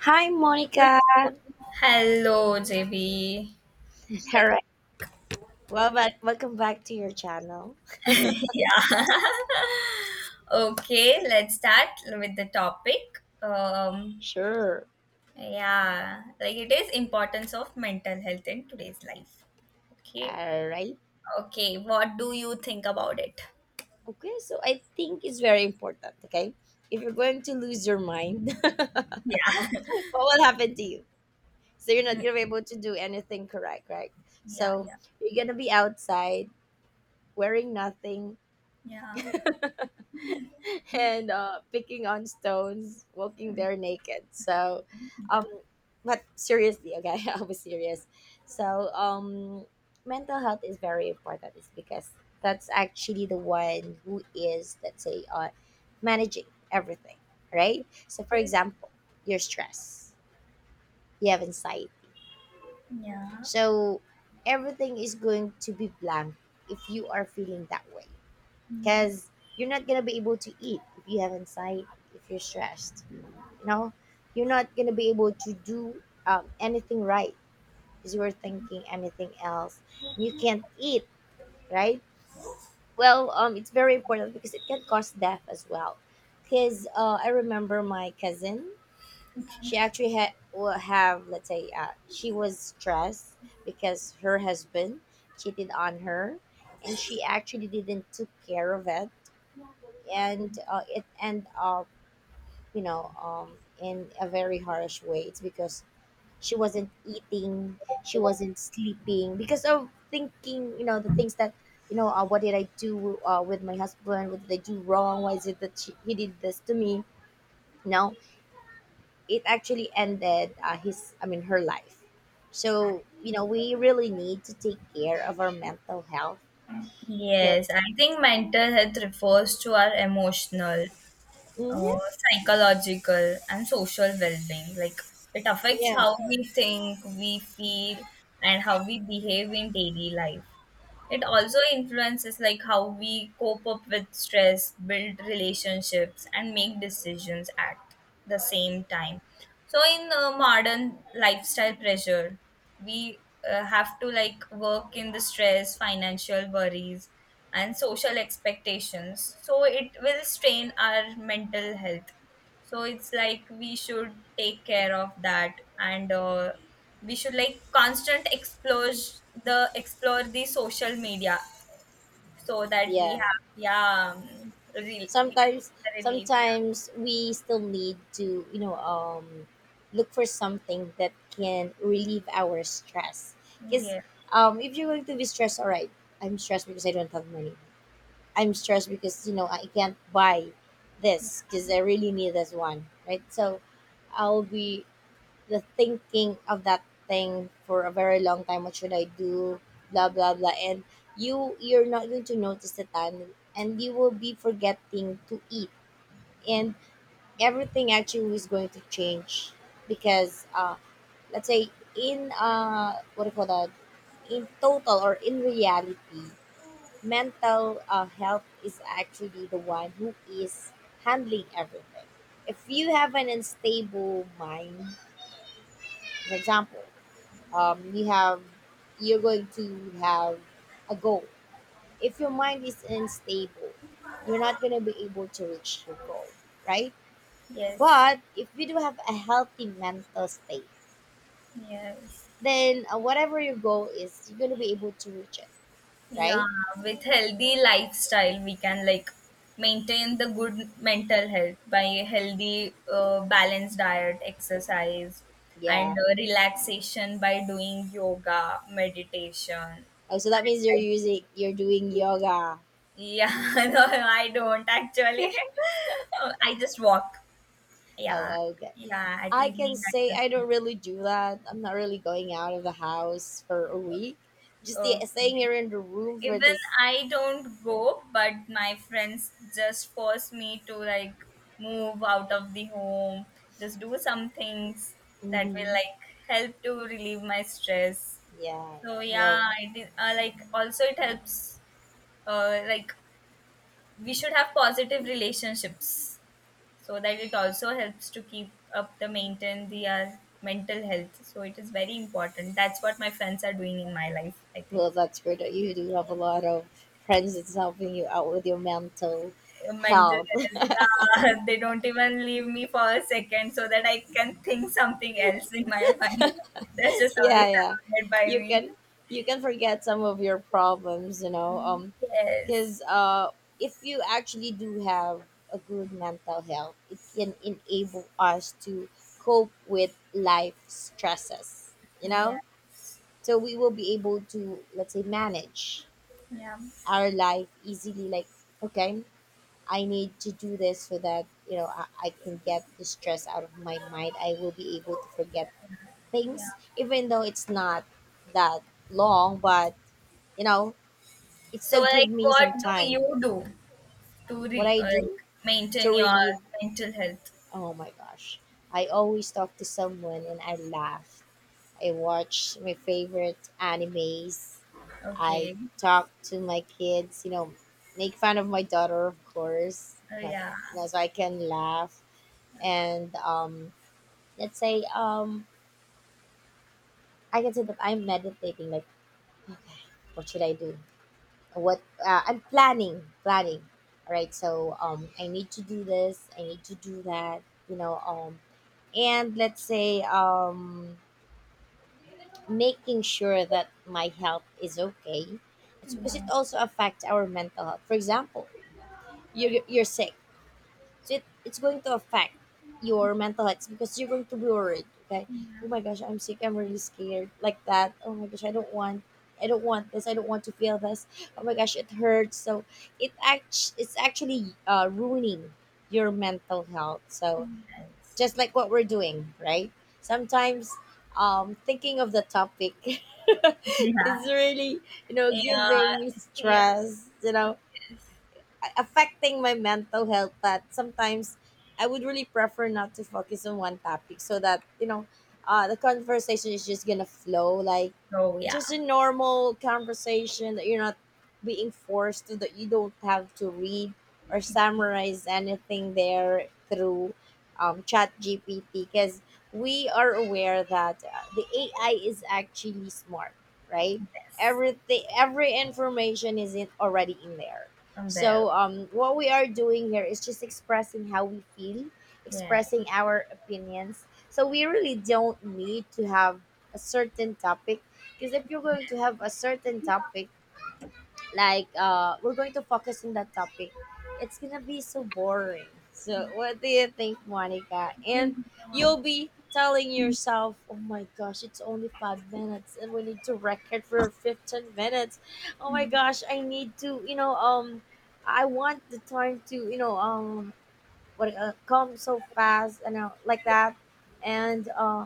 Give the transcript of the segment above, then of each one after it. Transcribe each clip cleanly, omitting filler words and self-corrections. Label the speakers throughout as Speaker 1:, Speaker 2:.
Speaker 1: Hi, Monica.
Speaker 2: Hello, JB.
Speaker 1: All
Speaker 2: Welcome.
Speaker 1: right. Well, but welcome back to your channel.
Speaker 2: yeah. Okay, let's start with the topic.
Speaker 1: Sure.
Speaker 2: Yeah, like it is importance of mental health in today's life. Okay.
Speaker 1: All right.
Speaker 2: Okay. What do you think about it?
Speaker 1: Okay. So I think it's very important. Okay. If you're going to lose your mind, what
Speaker 2: Yeah.
Speaker 1: will happen to you? So you're not
Speaker 2: Mm,
Speaker 1: gonna be able to do anything correct, right?
Speaker 2: yeah.
Speaker 1: So
Speaker 2: Yeah.
Speaker 1: you're gonna be outside wearing nothing,
Speaker 2: Yeah.
Speaker 1: and picking on stones, walking there naked. So,
Speaker 2: Yeah.
Speaker 1: um, but seriously, okay, I was serious. So, mental health is very important. It's because that's actually the one who is, let's say, managing everything, right? So, for
Speaker 2: Yes.
Speaker 1: example, your stress, you have anxiety.
Speaker 2: Yeah.
Speaker 1: So, everything is going to be blank if you are feeling that way
Speaker 2: Yeah.
Speaker 1: because you're not gonna be able to eat if you have anxiety, if you're stressed, you know, you're not gonna be able to do anything, right? Because you're thinking anything else, you can't eat, right? Well, it's very important because it can cause death as well because I remember my cousin. She actually had will have, let's say, she was stressed because her husband cheated on her, and she actually didn't took care of it, and it end up, you know, in a very harsh way. It's because she wasn't eating, she wasn't sleeping because of thinking, you know, the things that, you know, what did I do with my husband, what did I do wrong, why is it that he did this to me. No, it actually ended his I mean her life. So, you know, we really need to take care of our mental health. 'Cause-
Speaker 2: Yes, I think mental health refers to our emotional, uh,
Speaker 1: Mhm.
Speaker 2: psychological and social well-being, like it affects
Speaker 1: Yeah,
Speaker 2: how we think, we feel, and how we behave in daily life. It also influences like how we cope up with stress, build relationships and make decisions. At the same time, so in modern lifestyle pressure, we have to like work in the stress, financial worries and social expectations, so it will strain our mental health. So it's like we should take care of that, and we should like constant explore the social media so that we
Speaker 1: yeah,
Speaker 2: have yeah we can
Speaker 1: sometimes,
Speaker 2: get the relief.
Speaker 1: sometimes we still need to, you know, look for something that can relieve our stress
Speaker 2: Yeah,
Speaker 1: because
Speaker 2: yeah.
Speaker 1: if you're going to be stressed, all right, I'm stressed because I don't have money, I'm stressed because, you know, I can't buy this because I really need this one, right? So I'll be the thinking of that thing for a very long time, what should I do, blah blah blah, and you're not going to notice the time, and you will be forgetting to eat, and everything actually is going to change because let's say in what do you call that, in total or in reality, mental health is actually the one who is handling everything. If you have an unstable mind, for example, you have, you're going to have a goal. If your mind is unstable, you're not going to be able to reach your goal, right?
Speaker 2: Yes,
Speaker 1: But if we do have a healthy mental state,
Speaker 2: yes.
Speaker 1: then whatever your goal is, you're gonna be able to reach it,
Speaker 2: Yeah,
Speaker 1: right?
Speaker 2: with healthy lifestyle, we can like maintain the good mental health by a healthy, balanced diet, exercise, and
Speaker 1: Yeah.
Speaker 2: relaxation by doing yoga, meditation.
Speaker 1: Oh, so that
Speaker 2: And,
Speaker 1: means you're
Speaker 2: like,
Speaker 1: using, you're doing yoga.
Speaker 2: yeah, no, I don't actually. I just walk. Yeah,
Speaker 1: Oh, okay.
Speaker 2: yeah. At
Speaker 1: I can
Speaker 2: evening, I
Speaker 1: say
Speaker 2: just
Speaker 1: I don't
Speaker 2: walk.
Speaker 1: really do that. I'm not really going out of the house for a week. Just the,
Speaker 2: Okay.
Speaker 1: staying here in the room for
Speaker 2: Even
Speaker 1: this.
Speaker 2: I don't go, but my friends just force me to like move out of the home, just do some things that will
Speaker 1: Hmm.
Speaker 2: like help to relieve my stress.
Speaker 1: Yeah, yeah.
Speaker 2: So yeah,
Speaker 1: Well,
Speaker 2: I did like also it helps like we should have positive relationships so that it also helps to keep up the maintain the mental health. So it is very important. That's what my friends are doing in my life, I think.
Speaker 1: well,
Speaker 2: So.
Speaker 1: that's great that you do have a lot of friends that's helping you out with your mental
Speaker 2: Mental
Speaker 1: health.
Speaker 2: health. Yeah, they don't even leave me for a second so that I can think something else in my mind. That's just always
Speaker 1: Yeah, yeah,
Speaker 2: surrounded by
Speaker 1: you
Speaker 2: me.
Speaker 1: can, you can forget some of your problems, you know,
Speaker 2: Mm. Yes.
Speaker 1: because if you actually do have a good mental health, it can enable us to cope with life stresses, you
Speaker 2: Yeah.
Speaker 1: know, so we will be able to, let's say, manage
Speaker 2: Yeah.
Speaker 1: our life easily like okay, I need to do this so that, you know, I can get the stress out of my mind. I will be able to forget
Speaker 2: Yeah.
Speaker 1: things, even though it's not that long, but, you know, it
Speaker 2: So,
Speaker 1: still give
Speaker 2: like,
Speaker 1: me
Speaker 2: what
Speaker 1: some
Speaker 2: do
Speaker 1: time.
Speaker 2: you do
Speaker 1: What I
Speaker 2: like
Speaker 1: do to
Speaker 2: maintain your
Speaker 1: relieve,
Speaker 2: mental health?
Speaker 1: oh my gosh. I always talk to someone and I laugh. I watch my favorite animes. I
Speaker 2: Okay.
Speaker 1: talk to my kids, you know, make fun of my daughter, of course.
Speaker 2: Oh, yeah.
Speaker 1: You know, so I can laugh and let's say I can say that I'm meditating like okay, what should I do? What I'm planning, planning. All right, so I need to do this, I need to do that, you know, and let's say making sure that my health is okay. It's because it also affects our mental health. For example, you're sick, so it's going to affect your mental health because you're going to be worried, okay? Oh
Speaker 2: Yeah.
Speaker 1: my gosh, I'm sick, I'm really scared. Like that. Oh my gosh, I don't want, I don't want this. I don't want to feel this. Oh my gosh, it hurts. So it's actually ruining your mental health. So
Speaker 2: Yes.
Speaker 1: just like what we're doing, right? Sometimes thinking of the topic
Speaker 2: Yeah.
Speaker 1: is really, you know,
Speaker 2: Yeah.
Speaker 1: giving me
Speaker 2: Yeah.
Speaker 1: stress, you know,
Speaker 2: Yes.
Speaker 1: affecting my mental health that sometimes I would really prefer not to focus on one topic so that, you know, the conversation is just gonna flow like
Speaker 2: Oh, yeah.
Speaker 1: just a normal conversation that you're not being forced to, that you don't have to read or summarize anything there through chat GPT because we are aware that the AI is actually smart, right?
Speaker 2: Yes.
Speaker 1: Everything, every information is in, already in there.
Speaker 2: I'm there.
Speaker 1: So, what we are doing here is just expressing how we feel,
Speaker 2: Yes.
Speaker 1: expressing our opinions. So we really don't need to have a certain topic because if you're going to have a certain topic, like we're going to focus on that topic, it's gonna be so boring. So what do you think, Monica? And
Speaker 2: Mm,
Speaker 1: you'll be telling yourself, "Oh my gosh, it's only 5 minutes, and we need to record for 15 minutes. Oh my gosh, I need to, you know, I want the time to, you know, what come so fast and like that and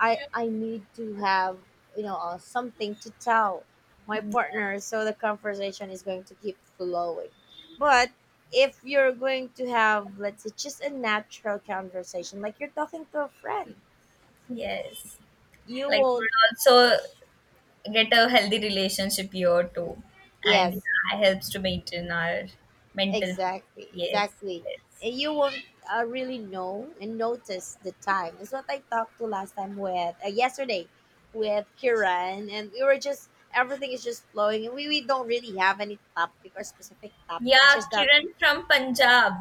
Speaker 1: I need to have, you know, something to tell my
Speaker 2: yeah.
Speaker 1: partner so the conversation is going to keep flowing, but if you're going to have, let's say, just a natural conversation like you're talking to a friend,
Speaker 2: Yes.
Speaker 1: you
Speaker 2: Like would
Speaker 1: won't.
Speaker 2: also get a healthy relationship here too. And
Speaker 1: Yes.
Speaker 2: yeah, helps to maintain our mental peace.
Speaker 1: Exactly,
Speaker 2: Yes,
Speaker 1: exactly.
Speaker 2: yes.
Speaker 1: And you won't really know and notice the time. That's what I talked to last time with yesterday with Kiran, and we were just, everything is just flowing, and we don't really have any topic or specific topic. It's
Speaker 2: Yeah,
Speaker 1: just that.
Speaker 2: Kiran from Punjab.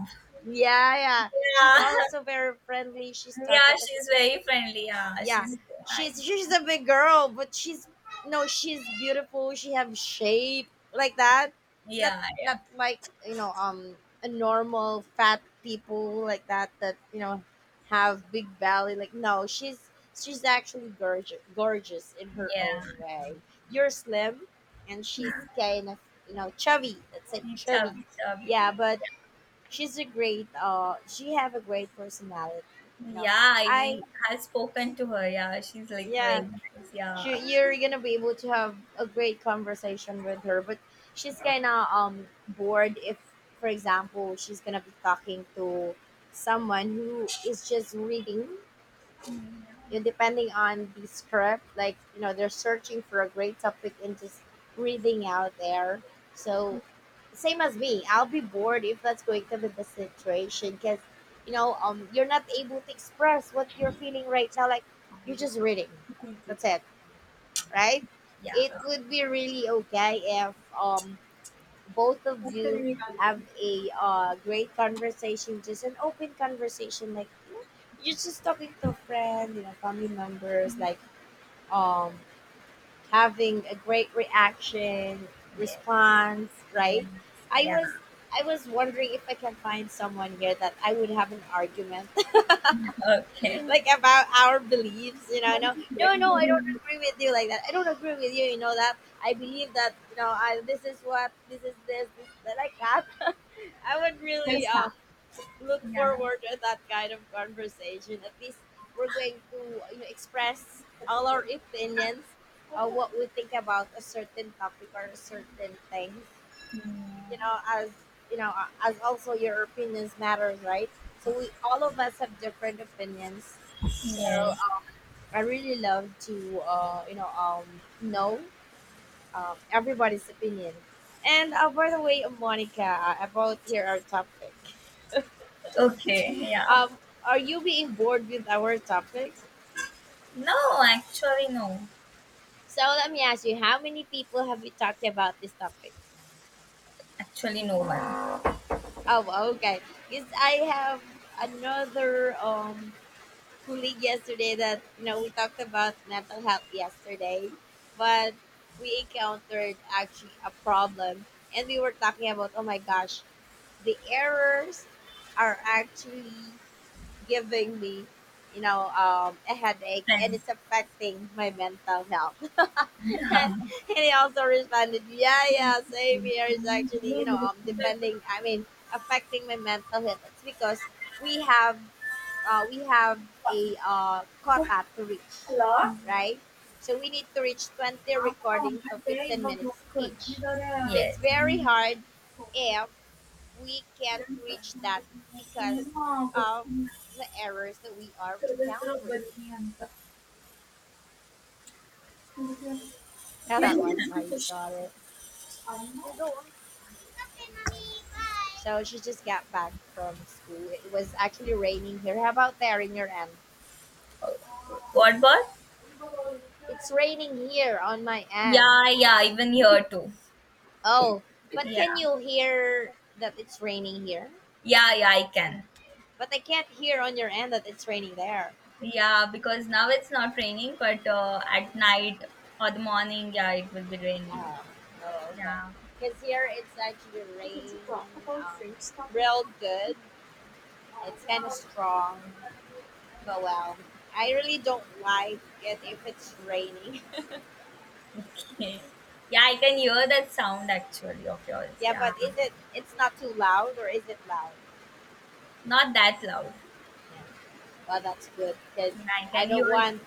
Speaker 1: Yeah, yeah. She's
Speaker 2: Yeah.
Speaker 1: also very friendly. She's
Speaker 2: Yeah,
Speaker 1: talkative.
Speaker 2: she's very friendly. Yeah,
Speaker 1: Yeah,
Speaker 2: she's nice.
Speaker 1: she's a big girl, but she's, no, she's beautiful, she have shape like that, not,
Speaker 2: Yeah,
Speaker 1: not like, you know, a normal fat people like that, that, you know, have big belly, like no, she's, she's actually gorgeous, gorgeous in
Speaker 2: yeah.
Speaker 1: her
Speaker 2: Yeah.
Speaker 1: own way. You're slim and she's kind of, you know, chubby, that's it, chubby.
Speaker 2: Chubby, chubby.
Speaker 1: Yeah, but she's a great she have a great personality, you know,
Speaker 2: Yeah, I
Speaker 1: I,
Speaker 2: have spoken to her. Yeah, she's like very
Speaker 1: yeah,
Speaker 2: nice. Yeah.
Speaker 1: she, you're gonna be able to have a great conversation with her, but she's kind of bored if, for example, she's gonna be talking to someone who is just reading,
Speaker 2: Mm.
Speaker 1: you know, depending on the script, like you know they're searching for a great topic and just reading out there, so same as me, I'll be bored if that's going to be the situation because, you know, you're not able to express what you're feeling right now like you're just reading, that's it, right?
Speaker 2: Yeah.
Speaker 1: It
Speaker 2: Yeah.
Speaker 1: would be really okay if both of you have a great conversation, just an open conversation, like, you know, you're just talking to a friend, you know, family members, like um having a great reaction,
Speaker 2: Yes.
Speaker 1: response,
Speaker 2: Yes.
Speaker 1: right? I
Speaker 2: Yeah.
Speaker 1: was I was wondering if I can find someone here that I would have an argument,
Speaker 2: Okay.
Speaker 1: like about our beliefs, you know, no, no, no, I don't agree with you, like that, I don't agree with you, you know that, I believe that, you know, I, this is what, this is this, that, like that, I would really look
Speaker 2: Yeah.
Speaker 1: forward to that kind of conversation. At least we're going to, you know, express all our opinions, what we think about a certain topic or a certain things, you know, as, you know, as also your opinions matters, right? So we, all of us have different opinions, so
Speaker 2: Yes.
Speaker 1: I really love to you know everybody's opinion. And by the way, Monica, about here our topic.
Speaker 2: Okay. Yeah.
Speaker 1: Um, are you being bored with our topic?
Speaker 2: No, actually, no.
Speaker 1: So let me ask you, how many people have you talked about this topic?
Speaker 2: Actually, no one.
Speaker 1: Oh, well, okay. Because I have another colleague yesterday that, you know, we talked about mental health yesterday, but we encountered actually a problem, and we were talking about oh my gosh, the errors are actually giving me, you know, a headache and
Speaker 2: Friends.
Speaker 1: it's affecting my mental health and,
Speaker 2: Yeah.
Speaker 1: and he also responded, yeah, yeah, same here. It's actually, you know, depending I mean affecting my mental health. It's because we have we have a quota to reach, right? So we need to reach 20 recordings of 15 minutes each, so it's
Speaker 2: Yes.
Speaker 1: very hard if we can't reach that because of the errors that we are encountering. Yeah, that was my daughter. Yeah, go on. So she just got back from school. It was actually raining here. How about there in your end?
Speaker 2: What? What?
Speaker 1: It's raining here on my end.
Speaker 2: Yeah. Yeah. Even here too.
Speaker 1: Oh, but
Speaker 2: Yeah.
Speaker 1: can you hear that it's raining here?
Speaker 2: Yeah. Yeah. I can.
Speaker 1: But I can't hear on your end that it's raining there.
Speaker 2: Yeah. Because now it's not raining, but at night or the morning, yeah, it will be raining.
Speaker 1: Oh, oh okay.
Speaker 2: Yeah.
Speaker 1: Because here it's actually raining, um, real good. It's kind of strong, but well, I really don't like it if it's raining.
Speaker 2: Okay. Yeah, I can hear that sound actually of yours.
Speaker 1: Yeah,
Speaker 2: Yeah.
Speaker 1: but is it? It's not too loud, or is it loud?
Speaker 2: Not that loud.
Speaker 1: Yeah. Well, that's good because
Speaker 2: Yeah, I
Speaker 1: I
Speaker 2: can
Speaker 1: don't
Speaker 2: hear you.
Speaker 1: want,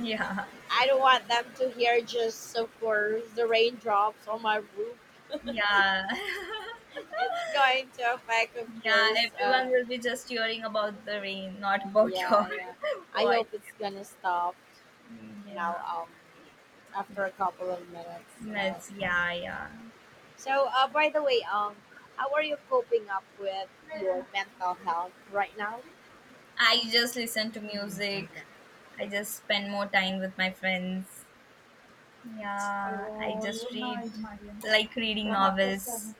Speaker 2: Yeah.
Speaker 1: I don't want them to hear just of course the raindrops on my roof.
Speaker 2: Yeah.
Speaker 1: It's going to affect, of
Speaker 2: Yeah,
Speaker 1: course.
Speaker 2: everyone will be just hearing about the rain, not about your
Speaker 1: Yeah, yeah. I
Speaker 2: voice.
Speaker 1: hope it's gonna stop.
Speaker 2: Mm.
Speaker 1: You
Speaker 2: Yeah.
Speaker 1: know, after a couple of minutes. You know,
Speaker 2: That's yeah, yeah.
Speaker 1: so, by the way, how are you coping up with your mental health right now?
Speaker 2: I just listen to music. I just spend more time with my friends. Yeah. I just read, like reading novels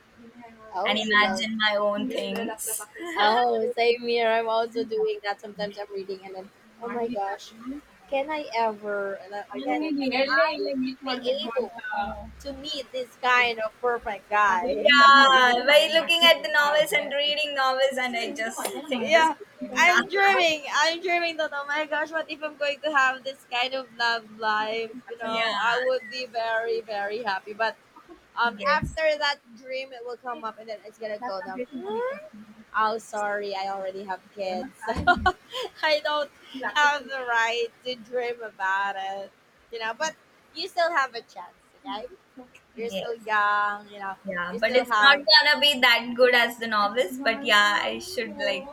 Speaker 2: and
Speaker 1: Oh, you love.
Speaker 2: imagine my own things.
Speaker 1: Oh, same here. I'm also doing that. Sometimes I'm reading and then, oh my gosh, can I ever, like, can I be able to meet this kind of perfect guy?
Speaker 2: Yeah, by looking at the novels and reading novels, and I just think this.
Speaker 1: Yeah,
Speaker 2: Yeah,
Speaker 1: I'm dreaming. I'm dreaming that, oh my gosh, what if I'm going to have this kind of love life? You
Speaker 2: yeah,
Speaker 1: know, I would be very, very happy. But
Speaker 2: yes,
Speaker 1: after that dream, it will come up and then it's gonna go down. Oh, sorry, I already have kids, so I don't have the right to dream about it. You know, but you still have a chance, okay? You're still
Speaker 2: yes,
Speaker 1: young, you know.
Speaker 2: yeah.
Speaker 1: You
Speaker 2: But
Speaker 1: still
Speaker 2: it's not
Speaker 1: have,
Speaker 2: gonna be that good as the novels. But yeah, I should like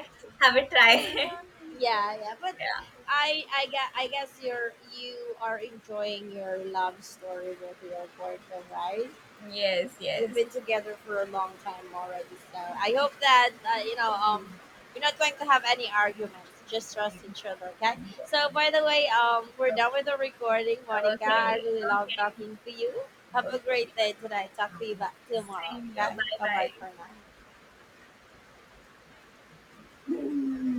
Speaker 2: have a try.
Speaker 1: yeah, yeah. But
Speaker 2: Yeah.
Speaker 1: I guess you're, you are enjoying your love story with your boyfriend, right?
Speaker 2: Yes.
Speaker 1: You've
Speaker 2: Yes.
Speaker 1: been together for a long time already. So I hope that you know you're not going to have any arguments. Just trust each other, okay? So by the way, we're done with
Speaker 2: Okay.
Speaker 1: the recording, Monica. I
Speaker 2: Okay.
Speaker 1: really love talking to you. Have
Speaker 2: Okay.
Speaker 1: a
Speaker 2: Okay.
Speaker 1: great day today. Talk to you back tomorrow,
Speaker 2: Same here.
Speaker 1: okay? Bye bye
Speaker 2: Bye.
Speaker 1: for now.
Speaker 2: Bye.